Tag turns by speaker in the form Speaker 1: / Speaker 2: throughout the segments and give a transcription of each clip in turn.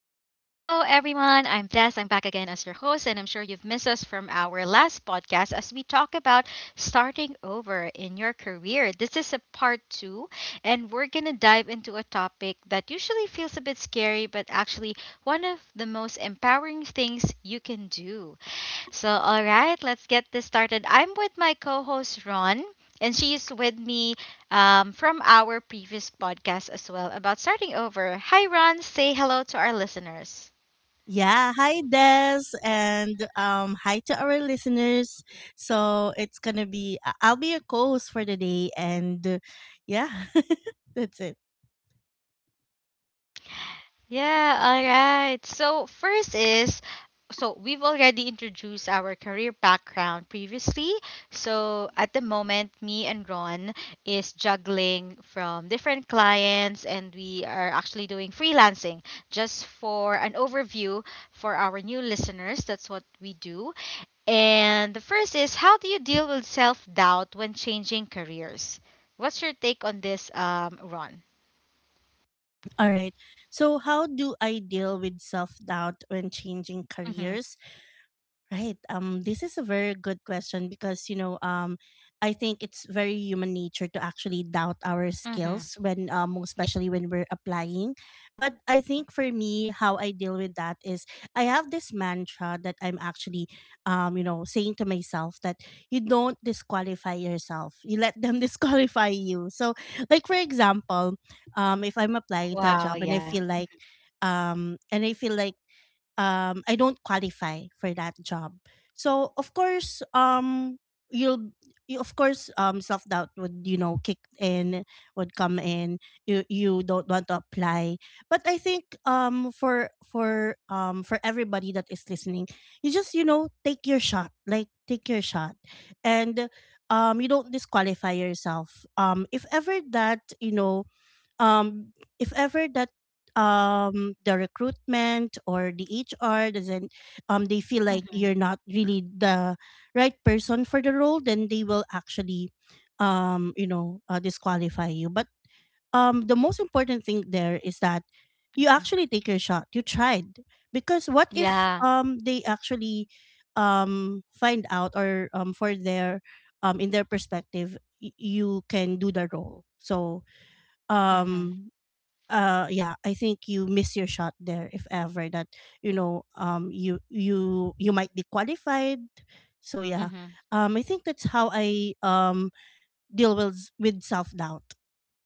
Speaker 1: everyone. I'm Des. I'm back again as your host, and I'm sure you've missed us from our last podcast as we talk about starting over in your career. This is a part two, and we're going to dive into a topic that usually feels a bit scary, but actually one of the most empowering things you can do. So, all right, let's get this started. I'm with my co host, Ron, and she's with me from our previous podcast as well about starting over. Hi, Ron. Say hello to our listeners.
Speaker 2: Yeah, hi Des, and hi to our listeners. So it's gonna be I'll be your co-host for the day, and yeah, that's it.
Speaker 1: Yeah, all right. So, first is so we've already introduced our career background previously. So, at the moment, me and Ron is juggling from different clients and we are actually doing freelancing. Just for an overview for our new listeners, that's what we do. And the first is how do you deal with self-doubt when changing careers? What's your take on this, Ron?
Speaker 2: All right. So how do I deal with self doubt when changing careers?
Speaker 1: Mm-hmm.
Speaker 2: Right. This is a very good question because, I think it's very human nature to actually doubt our skills when, especially when we're
Speaker 1: Yeah.
Speaker 2: applying. But I think for me, how I deal with that is I have this mantra that I'm actually, saying to myself that you don't disqualify yourself. You let them disqualify you. So, like for example, if I'm applying to a job and
Speaker 1: Wow, yeah.
Speaker 2: I feel like I don't qualify for that job. So of course, you'll of course, self doubt would, kick in, would come in. You you don't want to apply. But I think, for everybody that is listening, you just, take your shot, like take your shot. And, you don't disqualify yourself. If ever that, um if ever that the recruitment or the HR doesn't, they feel like you're not
Speaker 1: Mm-hmm.
Speaker 2: really the right person for the role, then they will actually, disqualify you. But, the most important thing there is that you
Speaker 1: Mm-hmm.
Speaker 2: actually take your shot, you tried. Because what if,
Speaker 1: Yeah.
Speaker 2: they actually, find out, or for their in their perspective, you can do the role. So,
Speaker 1: Mm-hmm.
Speaker 2: um yeah, I think you miss your shot there if ever that, you might be qualified. So yeah,
Speaker 1: Mm-hmm.
Speaker 2: I think that's how I, deal with self doubt.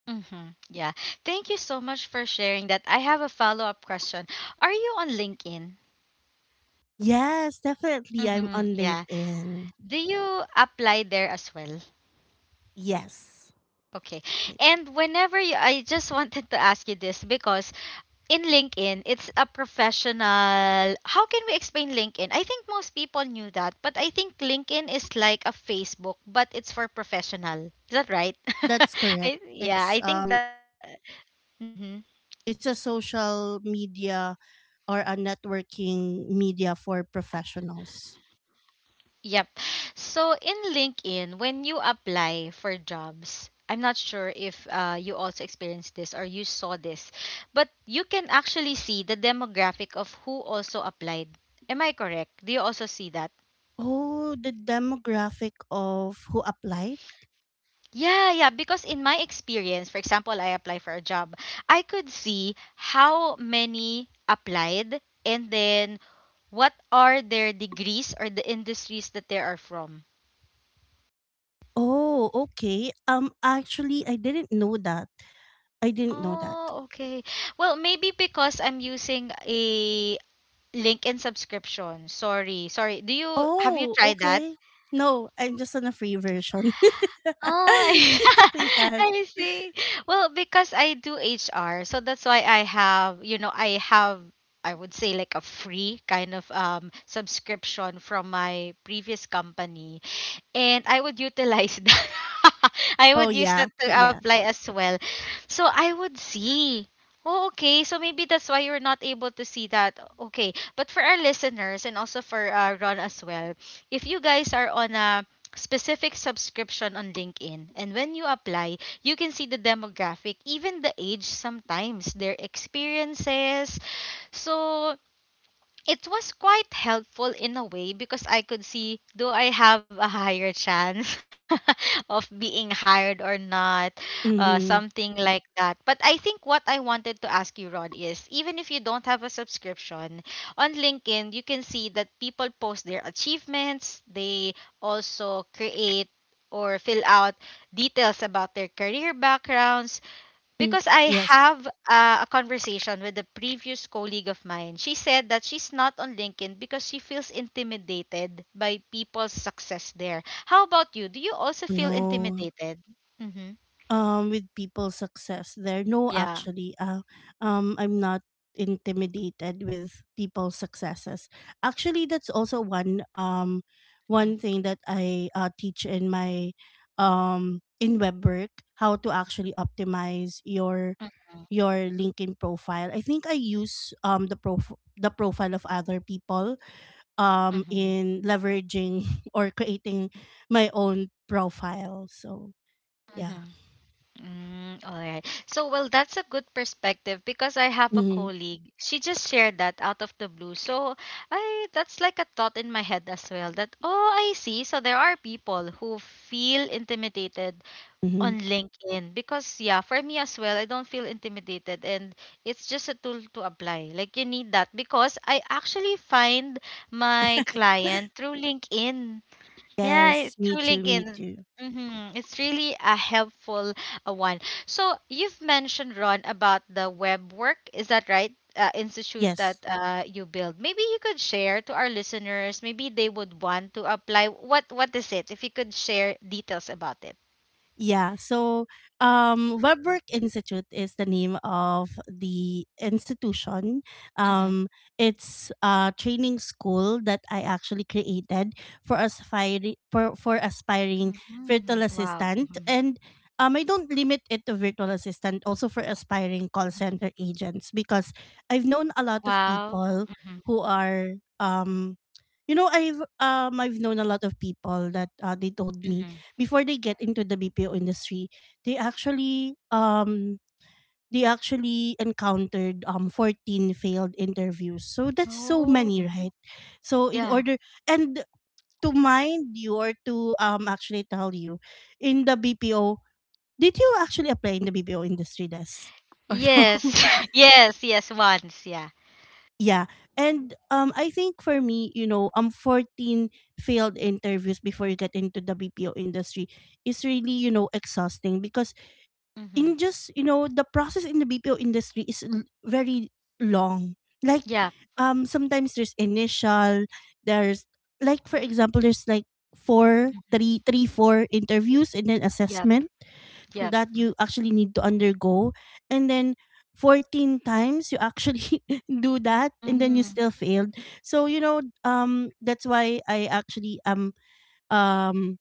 Speaker 1: Mm-hmm. Yeah. Thank you so much for sharing that. I have a follow-up question. Are you on LinkedIn?
Speaker 2: Yes, definitely, I'm
Speaker 1: Mm-hmm.
Speaker 2: on
Speaker 1: Yeah.
Speaker 2: LinkedIn.
Speaker 1: Do you apply there as well?
Speaker 2: Yes.
Speaker 1: Okay.
Speaker 2: I-
Speaker 1: And whenever you, I just wanted to ask you this because in LinkedIn, it's a professional. How can we explain LinkedIn? I think most people knew that, but I think LinkedIn is like a Facebook, but it's for professional. Is that right?
Speaker 2: that's
Speaker 1: I,
Speaker 2: correct.
Speaker 1: yeah, I think that. Mhm.
Speaker 2: It's a social media or a networking media for professionals.
Speaker 1: Yep. So in LinkedIn, when you apply for jobs, I'm not sure if you also experienced this or you saw this, but you can actually see the demographic of who also applied. Am I correct? Do you also see that?
Speaker 2: Oh, the demographic of who applied?
Speaker 1: Yeah, yeah, because in my experience, for example, I apply for a job, I could see how many applied and then what are their degrees or the industries that they are from.
Speaker 2: Oh, okay. Actually, I didn't know that. I didn't know that.
Speaker 1: Oh, okay. Well, maybe because I'm using a LinkedIn subscription. Sorry, sorry. Do you have you
Speaker 2: Oh,
Speaker 1: tried that?
Speaker 2: okay. No, I'm just on a free version.
Speaker 1: Oh,
Speaker 2: Yes.
Speaker 1: I see. Well, because I do HR, so that's why I have, you know, I have, I would say like a free kind of subscription from my previous company and I would utilize that. I
Speaker 2: Oh
Speaker 1: would use
Speaker 2: yeah.
Speaker 1: that to
Speaker 2: Yeah.
Speaker 1: apply as well. So I would see. Oh, okay. So maybe that's why you're not able to see that. Okay. But for our listeners and also for Ron as well, if you guys are on a specific subscription on LinkedIn and when you apply, you can see the demographic, even the age sometimes, their experiences. So it was quite helpful in a way because I could see do I have a higher chance of being hired or not,
Speaker 2: Mm-hmm.
Speaker 1: something like that. But I think what I wanted to ask you, Rod, is even if you don't have a subscription, on LinkedIn, you can see that people post their achievements, they also create or fill out details about their career backgrounds because I
Speaker 2: Yes.
Speaker 1: have a conversation with a previous colleague of mine. She said that she's not on LinkedIn because she feels intimidated by people's success there. How about you? Do you also feel
Speaker 2: No.
Speaker 1: intimidated? Mm-hmm.
Speaker 2: With people's success there, no,
Speaker 1: Yeah.
Speaker 2: actually, I'm not intimidated with people's successes. Actually, that's also one,
Speaker 1: Mm-hmm.
Speaker 2: thing that I, teach in my, in Web Work, how to actually optimize your
Speaker 1: Mm-hmm.
Speaker 2: your LinkedIn profile. I think I use, the profile of other people, in leveraging, or creating my own profile. So
Speaker 1: Mm-hmm.
Speaker 2: yeah.
Speaker 1: Mm, all right. So, well, that's a good perspective because I have a
Speaker 2: Mm-hmm.
Speaker 1: colleague. She just shared that out of the blue. So, I that's like a thought in my head as well that, oh, I see. So, there are people who feel intimidated
Speaker 2: Mhm.
Speaker 1: on LinkedIn because yeah, for me as well, I don't feel intimidated and it's just a tool to apply. Like you need that because I actually find my client through LinkedIn. Yeah, it-
Speaker 2: Yes, me
Speaker 1: through
Speaker 2: too, me
Speaker 1: LinkedIn.
Speaker 2: too.
Speaker 1: Mm-hmm. It's really a helpful one. So you've mentioned Ron about the web work. Is that right? Institute that
Speaker 2: Yes.
Speaker 1: you build. Maybe you could share to our listeners. Maybe they would want to apply. What is it? If you could share details about it.
Speaker 2: Yeah, so, WebWork Institute is the name of the institution.
Speaker 1: Mm-hmm.
Speaker 2: Um, it's a training school that I actually created for aspiring virtual
Speaker 1: Mhm. Wow.
Speaker 2: assistant,
Speaker 1: Mhm.
Speaker 2: and, I don't limit it to virtual assistant, also for aspiring call center agents, because I've known a lot of
Speaker 1: Wow.
Speaker 2: people
Speaker 1: Mhm.
Speaker 2: who are, I've known a lot of people that, they told me,
Speaker 1: Mhm.
Speaker 2: before they get into the BPO industry, they actually, they actually encountered, 14 failed interviews. So that's so
Speaker 1: Oh.
Speaker 2: many,
Speaker 1: Mhm.
Speaker 2: right? So in
Speaker 1: Yeah.
Speaker 2: order, and to mind you, or to, actually tell you, in the BPO, did you actually apply in the BPO industry, desk, or no?
Speaker 1: Yes. Yes. Yes. Once. Yeah.
Speaker 2: Yeah. And, I think for me, 14 failed interviews before you get into the BPO industry is really, exhausting, because
Speaker 1: Mm-hmm.
Speaker 2: in just, the process in the BPO industry is very long. Like,
Speaker 1: Yep.
Speaker 2: sometimes there's initial, there's, like for example, there's like four, three, three, four interviews, and then
Speaker 1: Yep.
Speaker 2: assessment
Speaker 1: Yep.
Speaker 2: that you actually need to undergo, and then 14 times you actually do that and then you
Speaker 1: Mm-hmm.
Speaker 2: still failed. So, that's why I actually am, um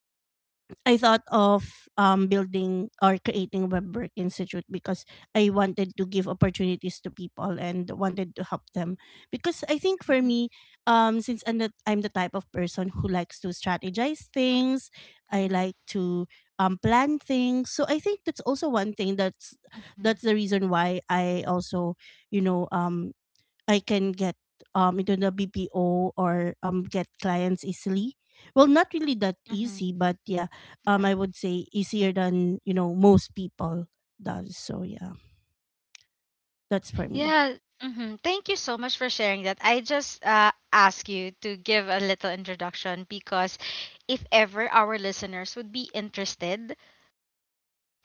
Speaker 2: I thought of, building or creating Web Work Institute, because I wanted to give opportunities to people and wanted to help them. Because I think for
Speaker 1: Mm-hmm.
Speaker 2: me, since I'm the type of person who likes to strategize things.
Speaker 1: Mm-hmm.
Speaker 2: I like to, plan things. So I think that's also one thing
Speaker 1: Mm-hmm.
Speaker 2: that's the reason why I also, you know, um, I can get, into the BPO, or, get clients easily. Well, not really that
Speaker 1: Mm-hmm.
Speaker 2: easy, but yeah,
Speaker 1: Yeah.
Speaker 2: I would say easier than, most people does. So yeah, that's for me.
Speaker 1: Yeah. Mm-hmm. Thank you so much for sharing that. I just ask you to give a little introduction because if ever our listeners would be interested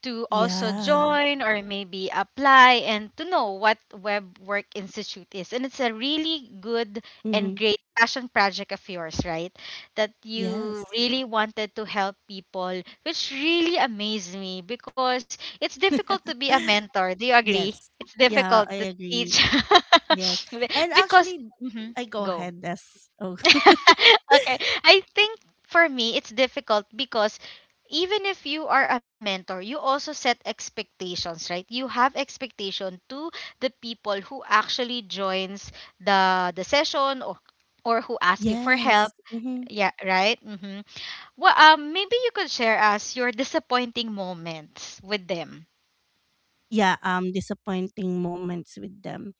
Speaker 1: to also
Speaker 2: Yeah.
Speaker 1: join or maybe apply and to know what Web Work Institute is. And it's a really good and
Speaker 2: Mm-hmm.
Speaker 1: great passion project of yours, right? That you
Speaker 2: Yes.
Speaker 1: really wanted to help people, which really amazed me because it's difficult to be a mentor. Do you agree?
Speaker 2: Yes.
Speaker 1: It's
Speaker 2: Yeah,
Speaker 1: difficult
Speaker 2: I
Speaker 1: to teach.
Speaker 2: agree. Yes.
Speaker 1: Be-
Speaker 2: And
Speaker 1: because
Speaker 2: actually,
Speaker 1: Mhm.
Speaker 2: I— go
Speaker 1: Go.
Speaker 2: ahead. That's— oh,
Speaker 1: Okay. I think for me, it's difficult because even if you are a mentor, you also set expectations, right? You have expectation to the people who actually joins the session or who ask you for help.
Speaker 2: yes. Hmm.
Speaker 1: Yeah, right. Mm-hmm. Well, maybe you could share us your disappointing moments with them.
Speaker 2: Yeah. Disappointing moments with them.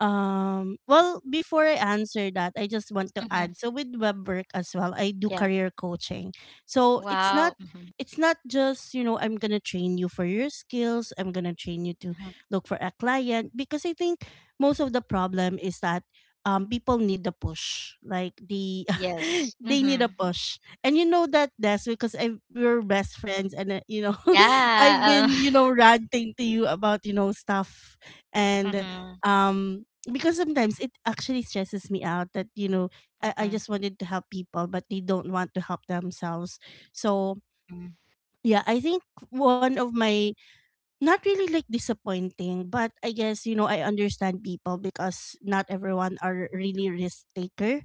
Speaker 2: Well, before I answer that, I just want to
Speaker 1: Mm-hmm.
Speaker 2: add. So with Web Work as well, I do
Speaker 1: Yeah.
Speaker 2: career coaching. So
Speaker 1: Wow. Mm-hmm.
Speaker 2: it's not just, I'm going to train you for your skills, I'm going to train you to
Speaker 1: Hmm.
Speaker 2: look for a client, because I think most of the problem is that, people need the push. Like the
Speaker 1: Yes.
Speaker 2: they need a
Speaker 1: Mm-hmm.
Speaker 2: push. And you know that, that's because I we're best friends, and, I've
Speaker 1: Yeah.
Speaker 2: been, ranting to you about, stuff, and,
Speaker 1: Mm-hmm.
Speaker 2: um because sometimes it actually stresses me out that, I just wanted to help people but they don't want to help themselves. So
Speaker 1: Mm-hmm.
Speaker 2: yeah, I think one of my, not really like disappointing, but I guess, I understand people because not everyone are really risk taker.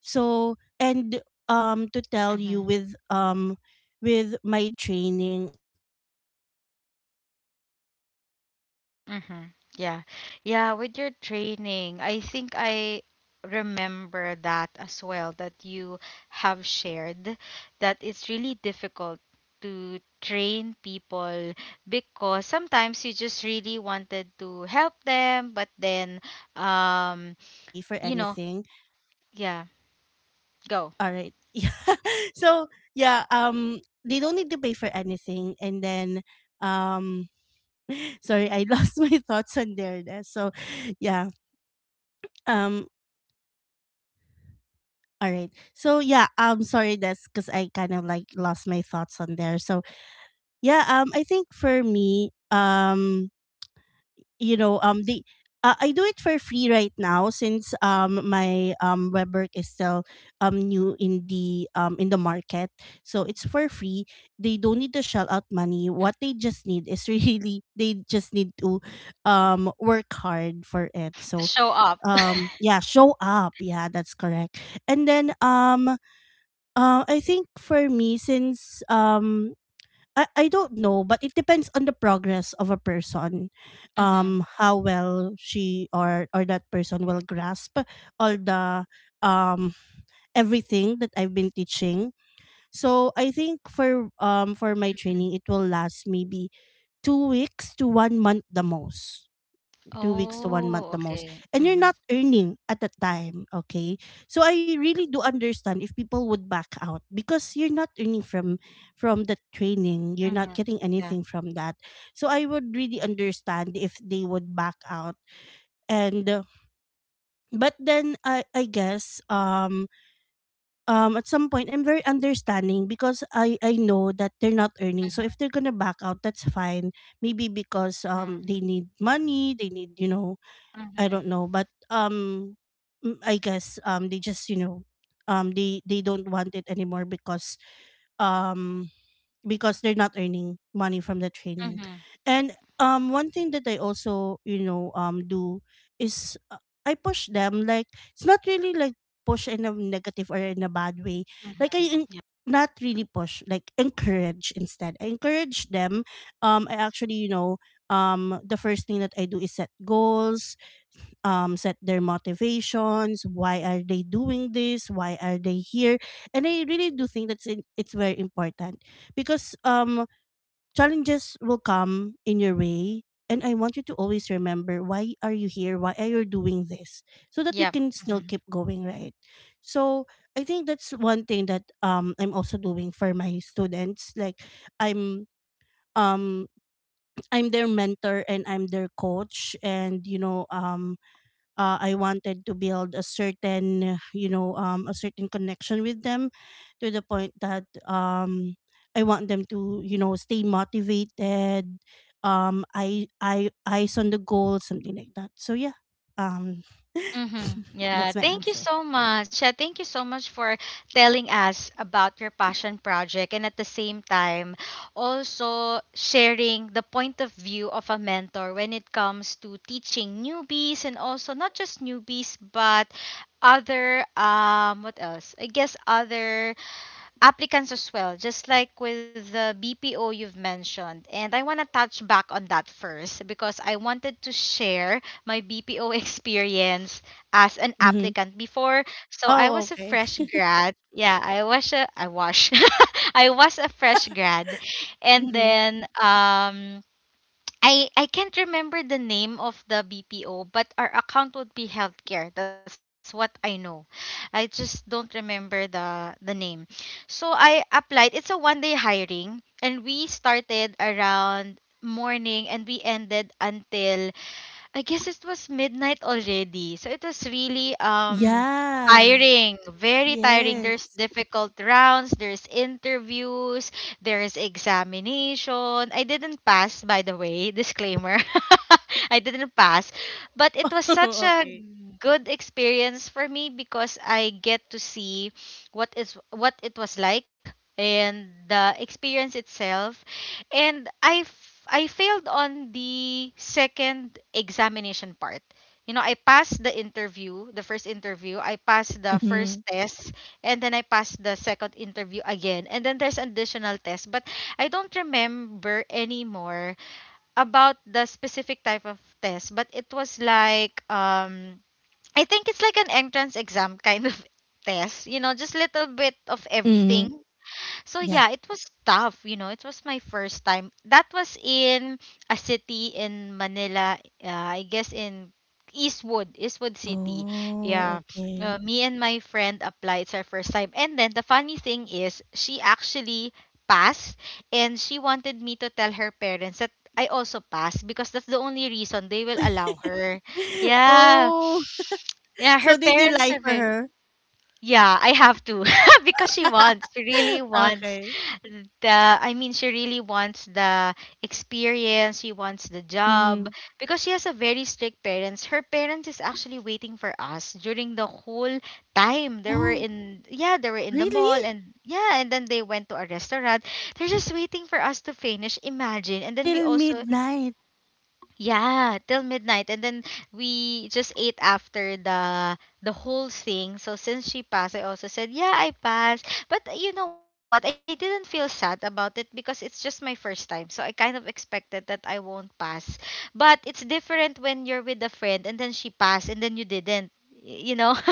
Speaker 2: So, and, to tell you
Speaker 1: Mhm.
Speaker 2: with, my training, I think it's gonna it's actually a free
Speaker 1: Mhm.
Speaker 2: training.
Speaker 1: Yeah.
Speaker 2: So
Speaker 1: Yeah,
Speaker 2: they
Speaker 1: with
Speaker 2: don't
Speaker 1: your
Speaker 2: need to shell
Speaker 1: training,
Speaker 2: out
Speaker 1: I
Speaker 2: any
Speaker 1: think
Speaker 2: money as
Speaker 1: I
Speaker 2: of the moment. So it's,
Speaker 1: remember that as well that
Speaker 2: I
Speaker 1: you
Speaker 2: actually
Speaker 1: have
Speaker 2: do it
Speaker 1: shared
Speaker 2: for
Speaker 1: that
Speaker 2: free.
Speaker 1: it's really
Speaker 2: So
Speaker 1: difficult to
Speaker 2: yeah,
Speaker 1: train people
Speaker 2: yeah,
Speaker 1: because sometimes you just
Speaker 2: I
Speaker 1: really
Speaker 2: actually do
Speaker 1: wanted
Speaker 2: it
Speaker 1: to
Speaker 2: for
Speaker 1: help
Speaker 2: free,
Speaker 1: them, but
Speaker 2: and,
Speaker 1: then
Speaker 2: they don't
Speaker 1: um,
Speaker 2: need to pay for
Speaker 1: you know,
Speaker 2: anything.
Speaker 1: yeah, go.
Speaker 2: All right. Yeah. So yeah, they don't need to pay for anything. And then, um, sorry, I lost my thoughts on there, Des. So yeah, um, all right. So yeah, sorry, that's because I kind of like lost my thoughts on there. So yeah, I think for me, the I do it for free right now, since, my, Web Work is still, new in the, in the market. So it's for free. They don't need to shell out money.
Speaker 1: Mm,
Speaker 2: What they just need is, really, they just need to, work hard for it.
Speaker 1: to
Speaker 2: So,
Speaker 1: show up.
Speaker 2: yeah, show up. Yeah, that's correct. And then, I think for me, since, I don't know, but it depends on the progress of a person,
Speaker 1: Mhm.
Speaker 2: how well she or that person will grasp all the, um everything that I've been teaching. So I think for, my training,
Speaker 1: Mhm.
Speaker 2: it will last maybe 2 weeks to one month the most, two weeks to one month
Speaker 1: Oh,
Speaker 2: the most
Speaker 1: okay.
Speaker 2: and you're not
Speaker 1: Mhm.
Speaker 2: earning at that time, okay? So I really do understand if people would back out, because you're not earning from the training, you're not
Speaker 1: Mhm.
Speaker 2: getting anything
Speaker 1: Yeah.
Speaker 2: from that. So I would really understand if they would back out. And, but then I guess, at some point I'm very understanding, because I know that they're not earning. So if they're gonna back out, that's fine. Maybe because,
Speaker 1: Mhm.
Speaker 2: they need money, they need,
Speaker 1: Mhm.
Speaker 2: I don't know, but, I guess, they just, they don't want it anymore, because, um because they're not earning money from the training.
Speaker 1: Mhm.
Speaker 2: And, one thing that I also, do is, I push them, like, it's not really like push in a negative or in a bad way, like
Speaker 1: Mhm.
Speaker 2: not really push, like encourage, instead I encourage them. I actually the first thing that I do is set goals. Set their motivations, why are they doing this, why are they here, and I really do think it's very important, because, challenges will come in your way. And I want you to always remember, why are you here? Why are you doing this? So that you
Speaker 1: Yep.
Speaker 2: can still
Speaker 1: Mm-hmm.
Speaker 2: keep going, right? So I think that's one thing that, I'm also doing for my students. Like I'm um I'm their mentor and I'm their coach, and, I wanted to build a certain, a certain connection with them to the point that, I want them to, stay motivated. Eyes on the goal, something like that. So yeah, um,
Speaker 1: Mm-hmm. Yeah,
Speaker 2: that's my
Speaker 1: thank you
Speaker 2: answer.
Speaker 1: so much. Yeah, thank you so much for telling us about your passion project and at the same time also sharing the point of view of a mentor when it comes to teaching newbies and also not just newbies but other what else? I guess other applicants as well, just like with the BPO you've mentioned. And I want to touch back on that first because I wanted to share my BPO experience as an
Speaker 2: Mhm.
Speaker 1: applicant before. So I
Speaker 2: Oh,
Speaker 1: was a
Speaker 2: okay.
Speaker 1: fresh grad. Yeah, I was a I was I was a fresh grad. And
Speaker 2: Mhm.
Speaker 1: then I can't remember the name of the BPO, but our account would be healthcare. That's what I know. I just don't remember the name. So I applied. It's a one day hiring, and we started around morning and we ended until I guess it was midnight already. So it was really
Speaker 2: Yeah.
Speaker 1: tiring, very tiring. There's
Speaker 2: Yes.
Speaker 1: difficult rounds, there's interviews, there's examination. I didn't pass, by the way, disclaimer. I didn't pass, but it was such a
Speaker 2: Okay.
Speaker 1: good experience for me because I get to see what is what it was like and the experience itself and I failed on the second examination part. You know, I passed the interview, the first interview, I passed the
Speaker 2: Mhm,
Speaker 1: first test, and then I passed the second interview again. And then there's additional test, but I don't remember anymore about the specific type of test, but it was like I think it's like an entrance exam kind of test, just little bit of
Speaker 2: mhm,
Speaker 1: everything. So
Speaker 2: yeah.
Speaker 1: yeah, it was tough. It was my first time. That was in a city in Manila, I guess in Eastwood City.
Speaker 2: Oh,
Speaker 1: Yeah.
Speaker 2: okay.
Speaker 1: Me and my friend applied. It's our first time. And then the funny thing is, she actually passed and she wanted me to tell her parents that I also passed because that's the only reason they will allow her. Yeah.
Speaker 2: Oh,
Speaker 1: Yeah, her
Speaker 2: so did you
Speaker 1: parents
Speaker 2: lie
Speaker 1: are
Speaker 2: for
Speaker 1: very
Speaker 2: her?
Speaker 1: Yeah, I have to because she wants, she really wants
Speaker 2: Okay.
Speaker 1: the I mean she really wants the experience, she wants the job
Speaker 2: Mhm.
Speaker 1: because she has a very strict parents. Her parents is actually waiting for us during the whole time. They were
Speaker 2: Oh,
Speaker 1: in Yeah, they were in the
Speaker 2: really?
Speaker 1: mall and yeah, and then they went to a restaurant. They're just waiting for us to finish. Imagine. And then we
Speaker 2: Till
Speaker 1: also
Speaker 2: midnight?
Speaker 1: yeah, till midnight, and then we just ate after the whole thing. So since she passed, I also said, "Yeah, I passed." But you know what? I didn't feel sad about it because it's just my first time. So I kind of expected that I won't pass. But it's different when you're with a friend and then she passed and then you didn't. You know?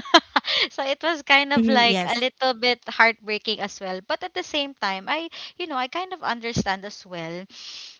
Speaker 1: So it was
Speaker 2: Mhm,
Speaker 1: kind
Speaker 2: yes.
Speaker 1: of like a little bit heartbreaking as well. But at the same time, I kind of understand as well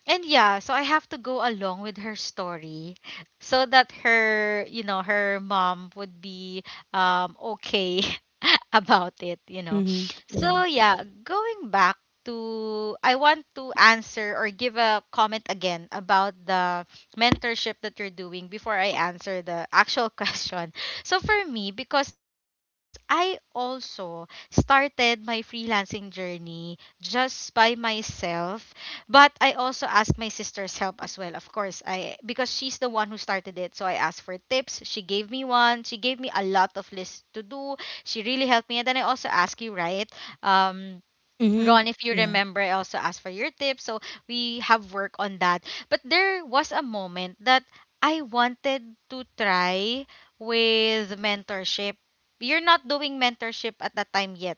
Speaker 1: and yeah, so I have to go along with her story so that her, her mom would be okay about it.
Speaker 2: Mhm.
Speaker 1: So
Speaker 2: Yeah.
Speaker 1: yeah, going back to I want to answer or give a comment again about the mentorship that you're doing before I answer the actual question. So for me, because I also started my freelancing journey just by myself but I also asked my sister's help as well, of course. I Because she's the one who started it, so I asked for tips. She gave me one. She gave me a lot of lists to do. She really helped me. And then I also asked you, right? Um,
Speaker 2: Mhm,
Speaker 1: Ron, if you
Speaker 2: yeah.
Speaker 1: remember, I also asked for your tips. So we have work on that. But there was a moment that I wanted to try with mentorship. You're not doing mentorship at that time yet.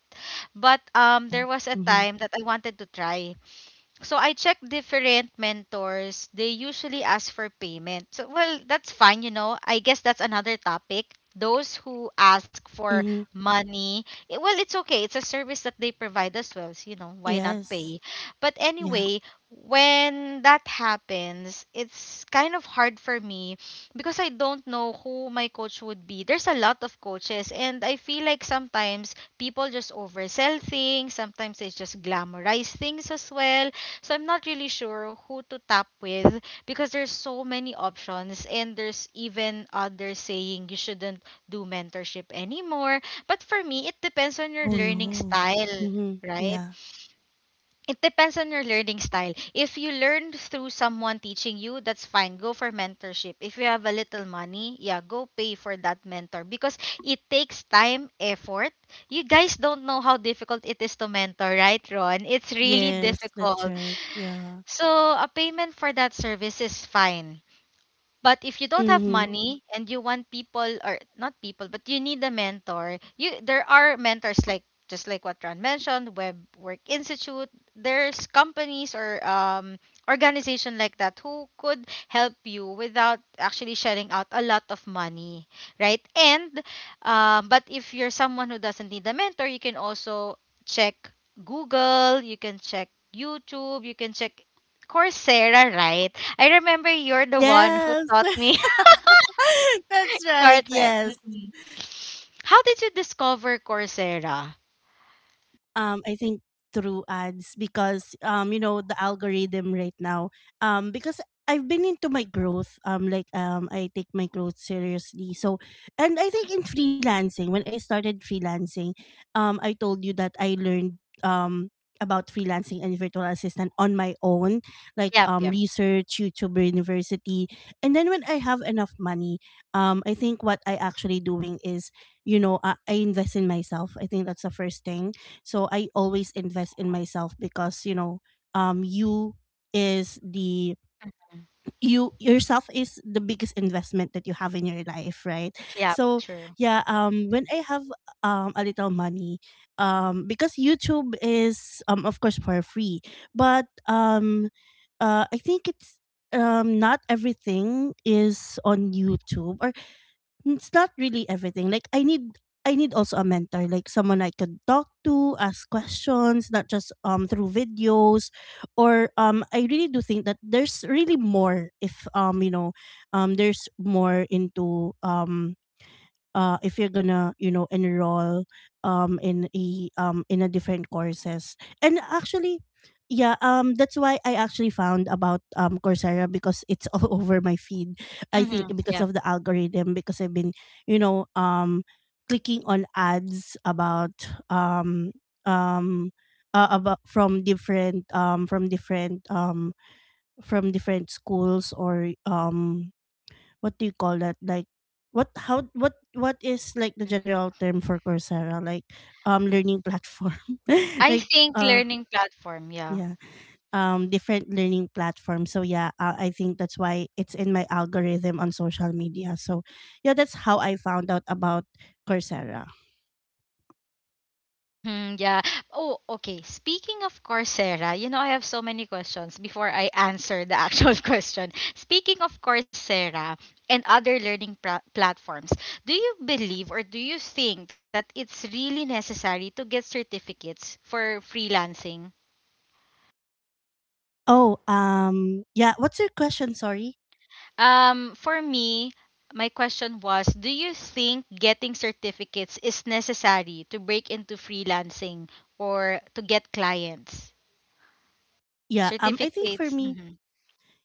Speaker 1: But there was a
Speaker 2: Mhm,
Speaker 1: time that I wanted to try, so I check different mentors. They usually ask for payment. So well, that's fine, you know. I guess that's another topic. Those who ask for
Speaker 2: mhm,
Speaker 1: money, eh, well, it's okay. It's a service that they provide as well. So, you know, why not
Speaker 2: yes.
Speaker 1: pay? But
Speaker 2: Yeah.
Speaker 1: anyway, when that happens, it's kind of hard for me because I don't know who my coach would be. There's a lot of coaches, and I feel like sometimes people just oversell things, sometimes they just glamorize things as well, so I'm not really sure who to tap with because there's so many options and there's even others saying you shouldn't do mentorship anymore. But for me, it depends on your
Speaker 2: Oh,
Speaker 1: learning
Speaker 2: no.
Speaker 1: style,
Speaker 2: Mhm.
Speaker 1: right?
Speaker 2: Yeah.
Speaker 1: It depends on your learning style. If you learn through someone teaching you, that's fine. Go for mentorship. If you have a little money, yeah, go pay for that mentor because it takes time, effort. You guys don't know how difficult it is to mentor, right, Ron? It's really
Speaker 2: Yes, that's
Speaker 1: difficult.
Speaker 2: right, yeah.
Speaker 1: So a payment for that service is fine. But if you don't have
Speaker 2: Mhm,
Speaker 1: money and you want people, or not people, but you need a mentor, you there are mentors like, just like what Ron mentioned, Web Work Institute.
Speaker 2: mhm.
Speaker 1: There's companies or organization like that who could help you without actually shelling out a lot of money, right? And but if you're someone who doesn't need a mentor, you can also check Google, you can check YouTube, you can check Coursera, right? I remember you're the one who
Speaker 2: Yes,
Speaker 1: taught me
Speaker 2: that's right,
Speaker 1: Corsair.
Speaker 2: yes.
Speaker 1: Mhm. How did you discover Coursera?
Speaker 2: I think through ads, because you know, the algorithm right now. Because I've been into my growth, I take my growth seriously. So and I think in freelancing, when I started freelancing, I told you that I learned um about freelancing and virtual assistant on my own, like
Speaker 1: Yep, yep,
Speaker 2: research YouTuber university. And then when I have enough money, I think what I actually doing is, you know, I invest in myself. I think that's the first thing. So I always invest in myself because, you know, um, you is the you yourself is the biggest investment that you have in your life, right?
Speaker 1: yep,
Speaker 2: So
Speaker 1: true.
Speaker 2: yeah, when I have a little money, because YouTube is of course for free, but I think it's not everything is on YouTube, or it's not really everything. Like I need also a mentor, like someone I could talk to, ask questions, not just through videos. Or I really do think that there's really more if you know, there's more into if you're gonna, you know, enroll in a different courses and actually, yeah. That's why I actually found about Coursera, because it's all over my feed. I think
Speaker 1: Mm-hmm,
Speaker 2: because
Speaker 1: yep.
Speaker 2: of the algorithm, because I've been, you know, clicking on ads um um about from different from different from different schools, or what do you call that? Like what, how what is like the
Speaker 1: Mm-hmm.
Speaker 2: general term for Coursera? Like learning platform.
Speaker 1: I
Speaker 2: Like
Speaker 1: think
Speaker 2: uh,
Speaker 1: learning platform, yeah.
Speaker 2: yeah. Different learning platform. So yeah, I think that's why it's in my algorithm on social media. So yeah, that's how I found out about Coursera.
Speaker 1: Mm-hmm, yeah. Oh, okay. Speaking of Coursera, you know, I have so many questions before I answer the actual question. Speaking of Coursera and other learning platforms, do you believe or do you think that it's really necessary to get certificates for freelancing?
Speaker 2: Oh, yeah. What's your question? Sorry.
Speaker 1: For me, my question was, do you think getting certificates is necessary to break into freelancing or to get clients?
Speaker 2: Yeah. I think for
Speaker 1: Certificates.
Speaker 2: me,
Speaker 1: Mm-hmm,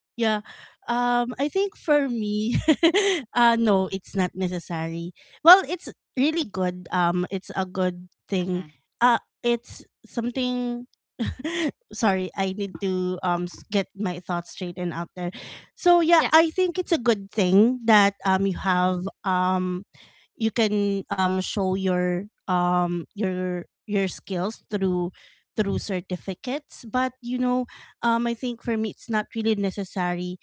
Speaker 2: yeah. I think for me, no, it's not necessary. Well, it's really good. It's a good thing.
Speaker 1: mm-hmm.
Speaker 2: It's something sorry, I need to get my thoughts straight and out there. So yeah, I think it's a good thing that you have
Speaker 1: Mhm.
Speaker 2: you can show your your skills through through certificates. But you know, I think for me it's not really necessary.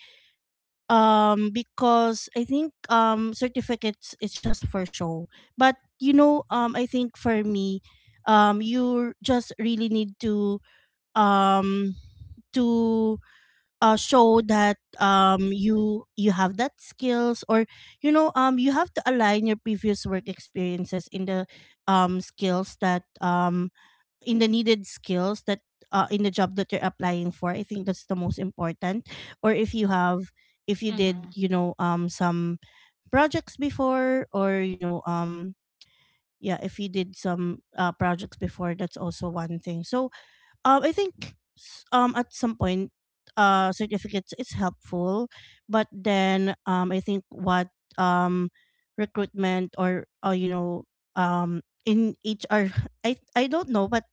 Speaker 2: Because I think certificates it's just for show. But you know, I think for me, you just really need to um to show that you have that skills, or you know, you have to align your previous work experiences in the skills that in the needed skills that in the job that you're applying for. I think that's the most important. Or if you have, if you did,
Speaker 1: Mhm.
Speaker 2: you know, some projects before, or you know, yeah, if you did some projects before, that's also one thing. So I think at some point certificates is helpful. But then I think what um recruitment or you know, in HR I don't know, but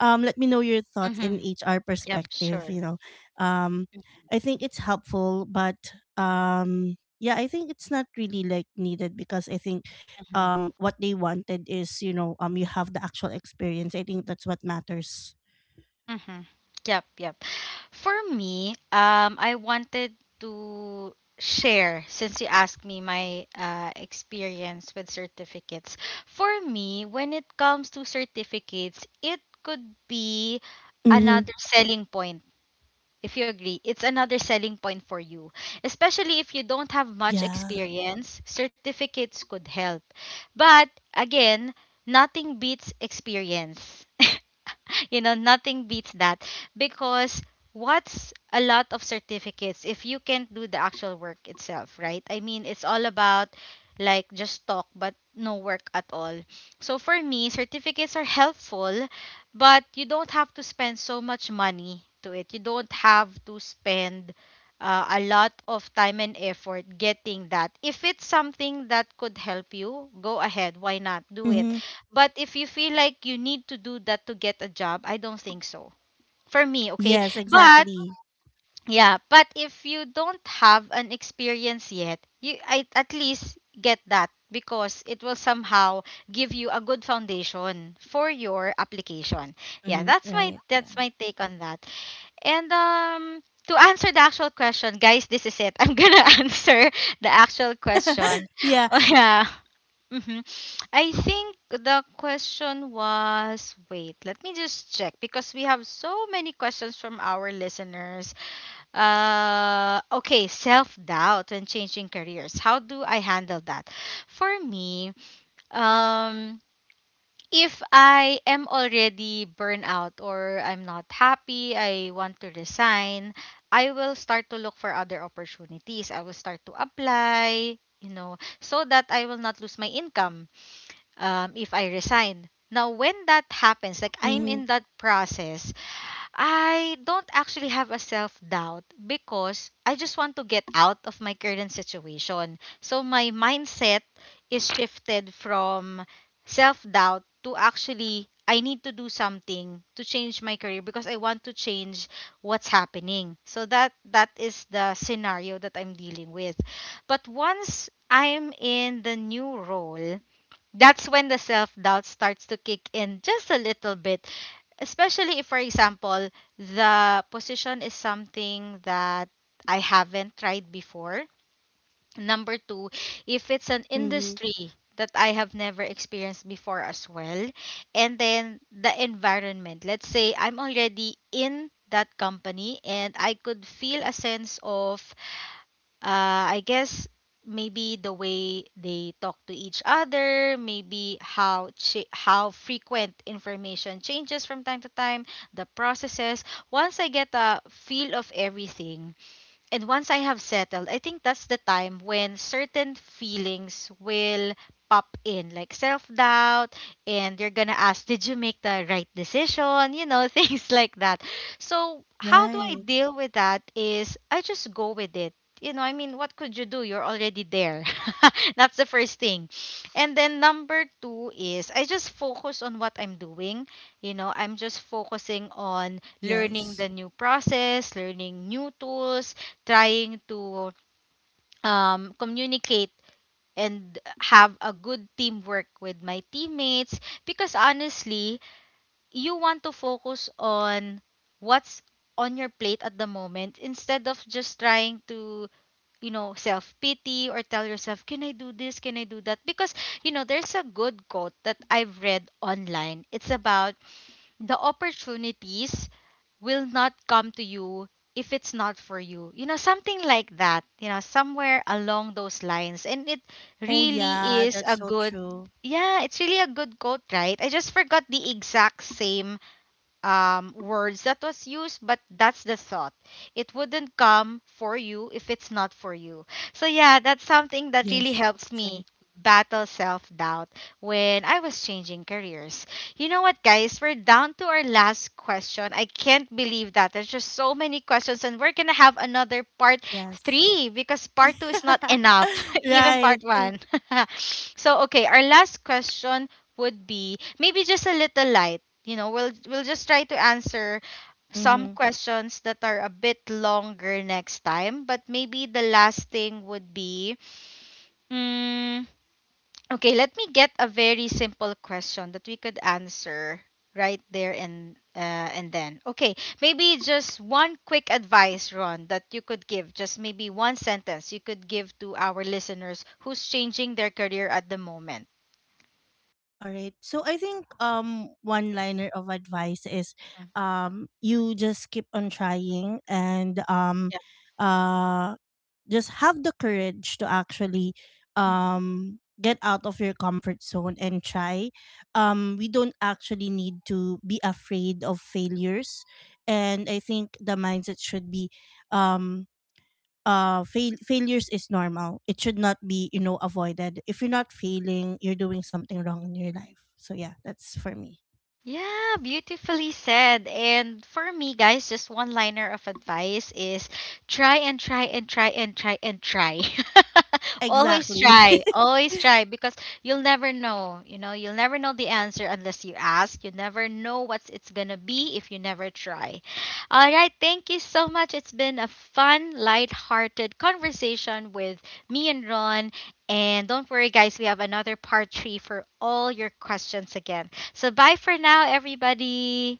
Speaker 2: let me know your thoughts in
Speaker 1: Mhm.
Speaker 2: HR
Speaker 1: Yep,
Speaker 2: perspective, you
Speaker 1: sure.
Speaker 2: know. Um I think it's helpful, but yeah, I think it's not really like needed, because I think
Speaker 1: Mhm.
Speaker 2: what they wanted is, you know, you have the actual experience. I think that's what matters.
Speaker 1: Mhm. Yep, yep. For me, I wanted to share since you asked me my experience with certificates. For me, when it comes to certificates, it could be
Speaker 2: Mhm.
Speaker 1: another selling point. If you agree, it's another selling point for you. Especially if you don't have much
Speaker 2: Yeah.
Speaker 1: experience, certificates could help. But again, nothing beats experience. You know, nothing beats that because what's a lot of certificates if you can't do the actual work itself, right? I mean, it's all about like just talk but no work at all. So for me, certificates are helpful, but you don't have to spend so much money to it. You don't have to spend a lot of time and effort getting that. If it's something that could help you, go ahead. Why not do it?
Speaker 2: Mhm.
Speaker 1: But if you feel like you need to do that to get a job, I don't think so. For me, okay?
Speaker 2: Yes,
Speaker 1: But
Speaker 2: exactly.
Speaker 1: yeah, but if you don't have an experience yet, you I, at least get that because it will somehow give you a good foundation for your application. Yeah,
Speaker 2: Mhm.
Speaker 1: that's my
Speaker 2: Right.
Speaker 1: that's
Speaker 2: Yeah.
Speaker 1: my take on that. And to answer the actual question, guys, this is it. I'm gonna answer the actual question.
Speaker 2: Yeah.
Speaker 1: Oh yeah. hmm I think the question was, wait, let me just check because we have so many questions from our listeners. Okay, self doubt when changing careers. How do I handle that? For me, um, if I am already burnout or I'm not happy, I want to resign, I will start to look for other opportunities. I will start to apply, you know, so that I will not lose my income if I resign. Now, when that happens, like I'm
Speaker 2: Mhm.
Speaker 1: in that process, I don't actually have a self doubt because I just want to get out of my current situation. So my mindset is shifted from self doubt to actually I need to do something to change my career because I want to change what's happening. So that is the scenario that I'm dealing with. But once I'm in the new role, that's when the self doubt starts to kick in just a little bit. Especially if, for example, the position is something that I haven't tried before. Number two, if it's an
Speaker 2: Mhm.
Speaker 1: industry that I have never experienced before as well. And then the environment. Let's say I'm already in that company and I could feel a sense of I guess maybe the way they talk to each other, maybe how frequent information changes from time to time, the processes. Once I get a feel of everything, and once I have settled, I think that's the time when certain feelings will pop in, like self doubt, and you're gonna ask, did you make the right decision? You know, things like that. So, how do I
Speaker 2: Right.
Speaker 1: deal with that? Is I just go with it. You know, I mean, what could you do? You're already there. That's the first thing. And then number two is I just focus on what I'm doing. You know, I'm just focusing on learning
Speaker 2: Yes.
Speaker 1: the new process, learning new tools, trying to communicate and have a good teamwork with my teammates because honestly you want to focus on what's on your plate at the moment instead of just trying to, you know, self pity or tell yourself, can I do this, can I do that, because you know there's a good quote that I've read online. It's about the opportunities will not come to you if it's not for you. You know, something like that, you know, somewhere along those lines. And it
Speaker 2: Oh
Speaker 1: really
Speaker 2: yeah,
Speaker 1: is a
Speaker 2: that's so
Speaker 1: good,
Speaker 2: true.
Speaker 1: yeah, it's really a good quote, right? I just forgot the exact same words that was used, but that's the thought. It wouldn't come for you if it's not for you. So, yeah, that's something that really
Speaker 2: Yes.
Speaker 1: helps
Speaker 2: That's right.
Speaker 1: me battle self doubt when I was changing careers. You know what, guys? We're down to our last question. I can't believe that. There's just so many questions, and we're going to have another part
Speaker 2: Yes.
Speaker 1: three because part two is not enough, even
Speaker 2: Right.
Speaker 1: part one. So, okay, our last question would be maybe just a little light. You know, we'll just try to answer some
Speaker 2: Mhm.
Speaker 1: questions that are a bit longer next time. But maybe the last thing would be, mm, okay, let me get a very simple question that we could answer right there and then. Okay, maybe just one quick advice, Ron, that you could give. Just maybe one sentence you could give to our listeners who's changing their career at the moment.
Speaker 2: All right. So I think one liner of advice is
Speaker 1: Mm,
Speaker 2: you just keep on trying, and uh just have the courage to actually
Speaker 1: yeah.
Speaker 2: get out of your comfort zone and try. Um, we don't actually need to be afraid of failures. And I think the mindset should be um failures is normal. It should not be, you know, avoided. If you're not failing, you're doing something wrong in your life. So yeah, that's for me.
Speaker 1: Yeah, beautifully said. And for me, guys, just one liner of advice is try and try and try and try and try. Always
Speaker 2: Exactly.
Speaker 1: try, always try, because you'll never know. You know, you'll never know the answer unless you ask. You never know what it's going to be if you never try. All right, thank you so much. It's been a fun, light-hearted conversation with me and Ron. And don't worry, guys, we have another part three for all your questions again. So bye for now, everybody.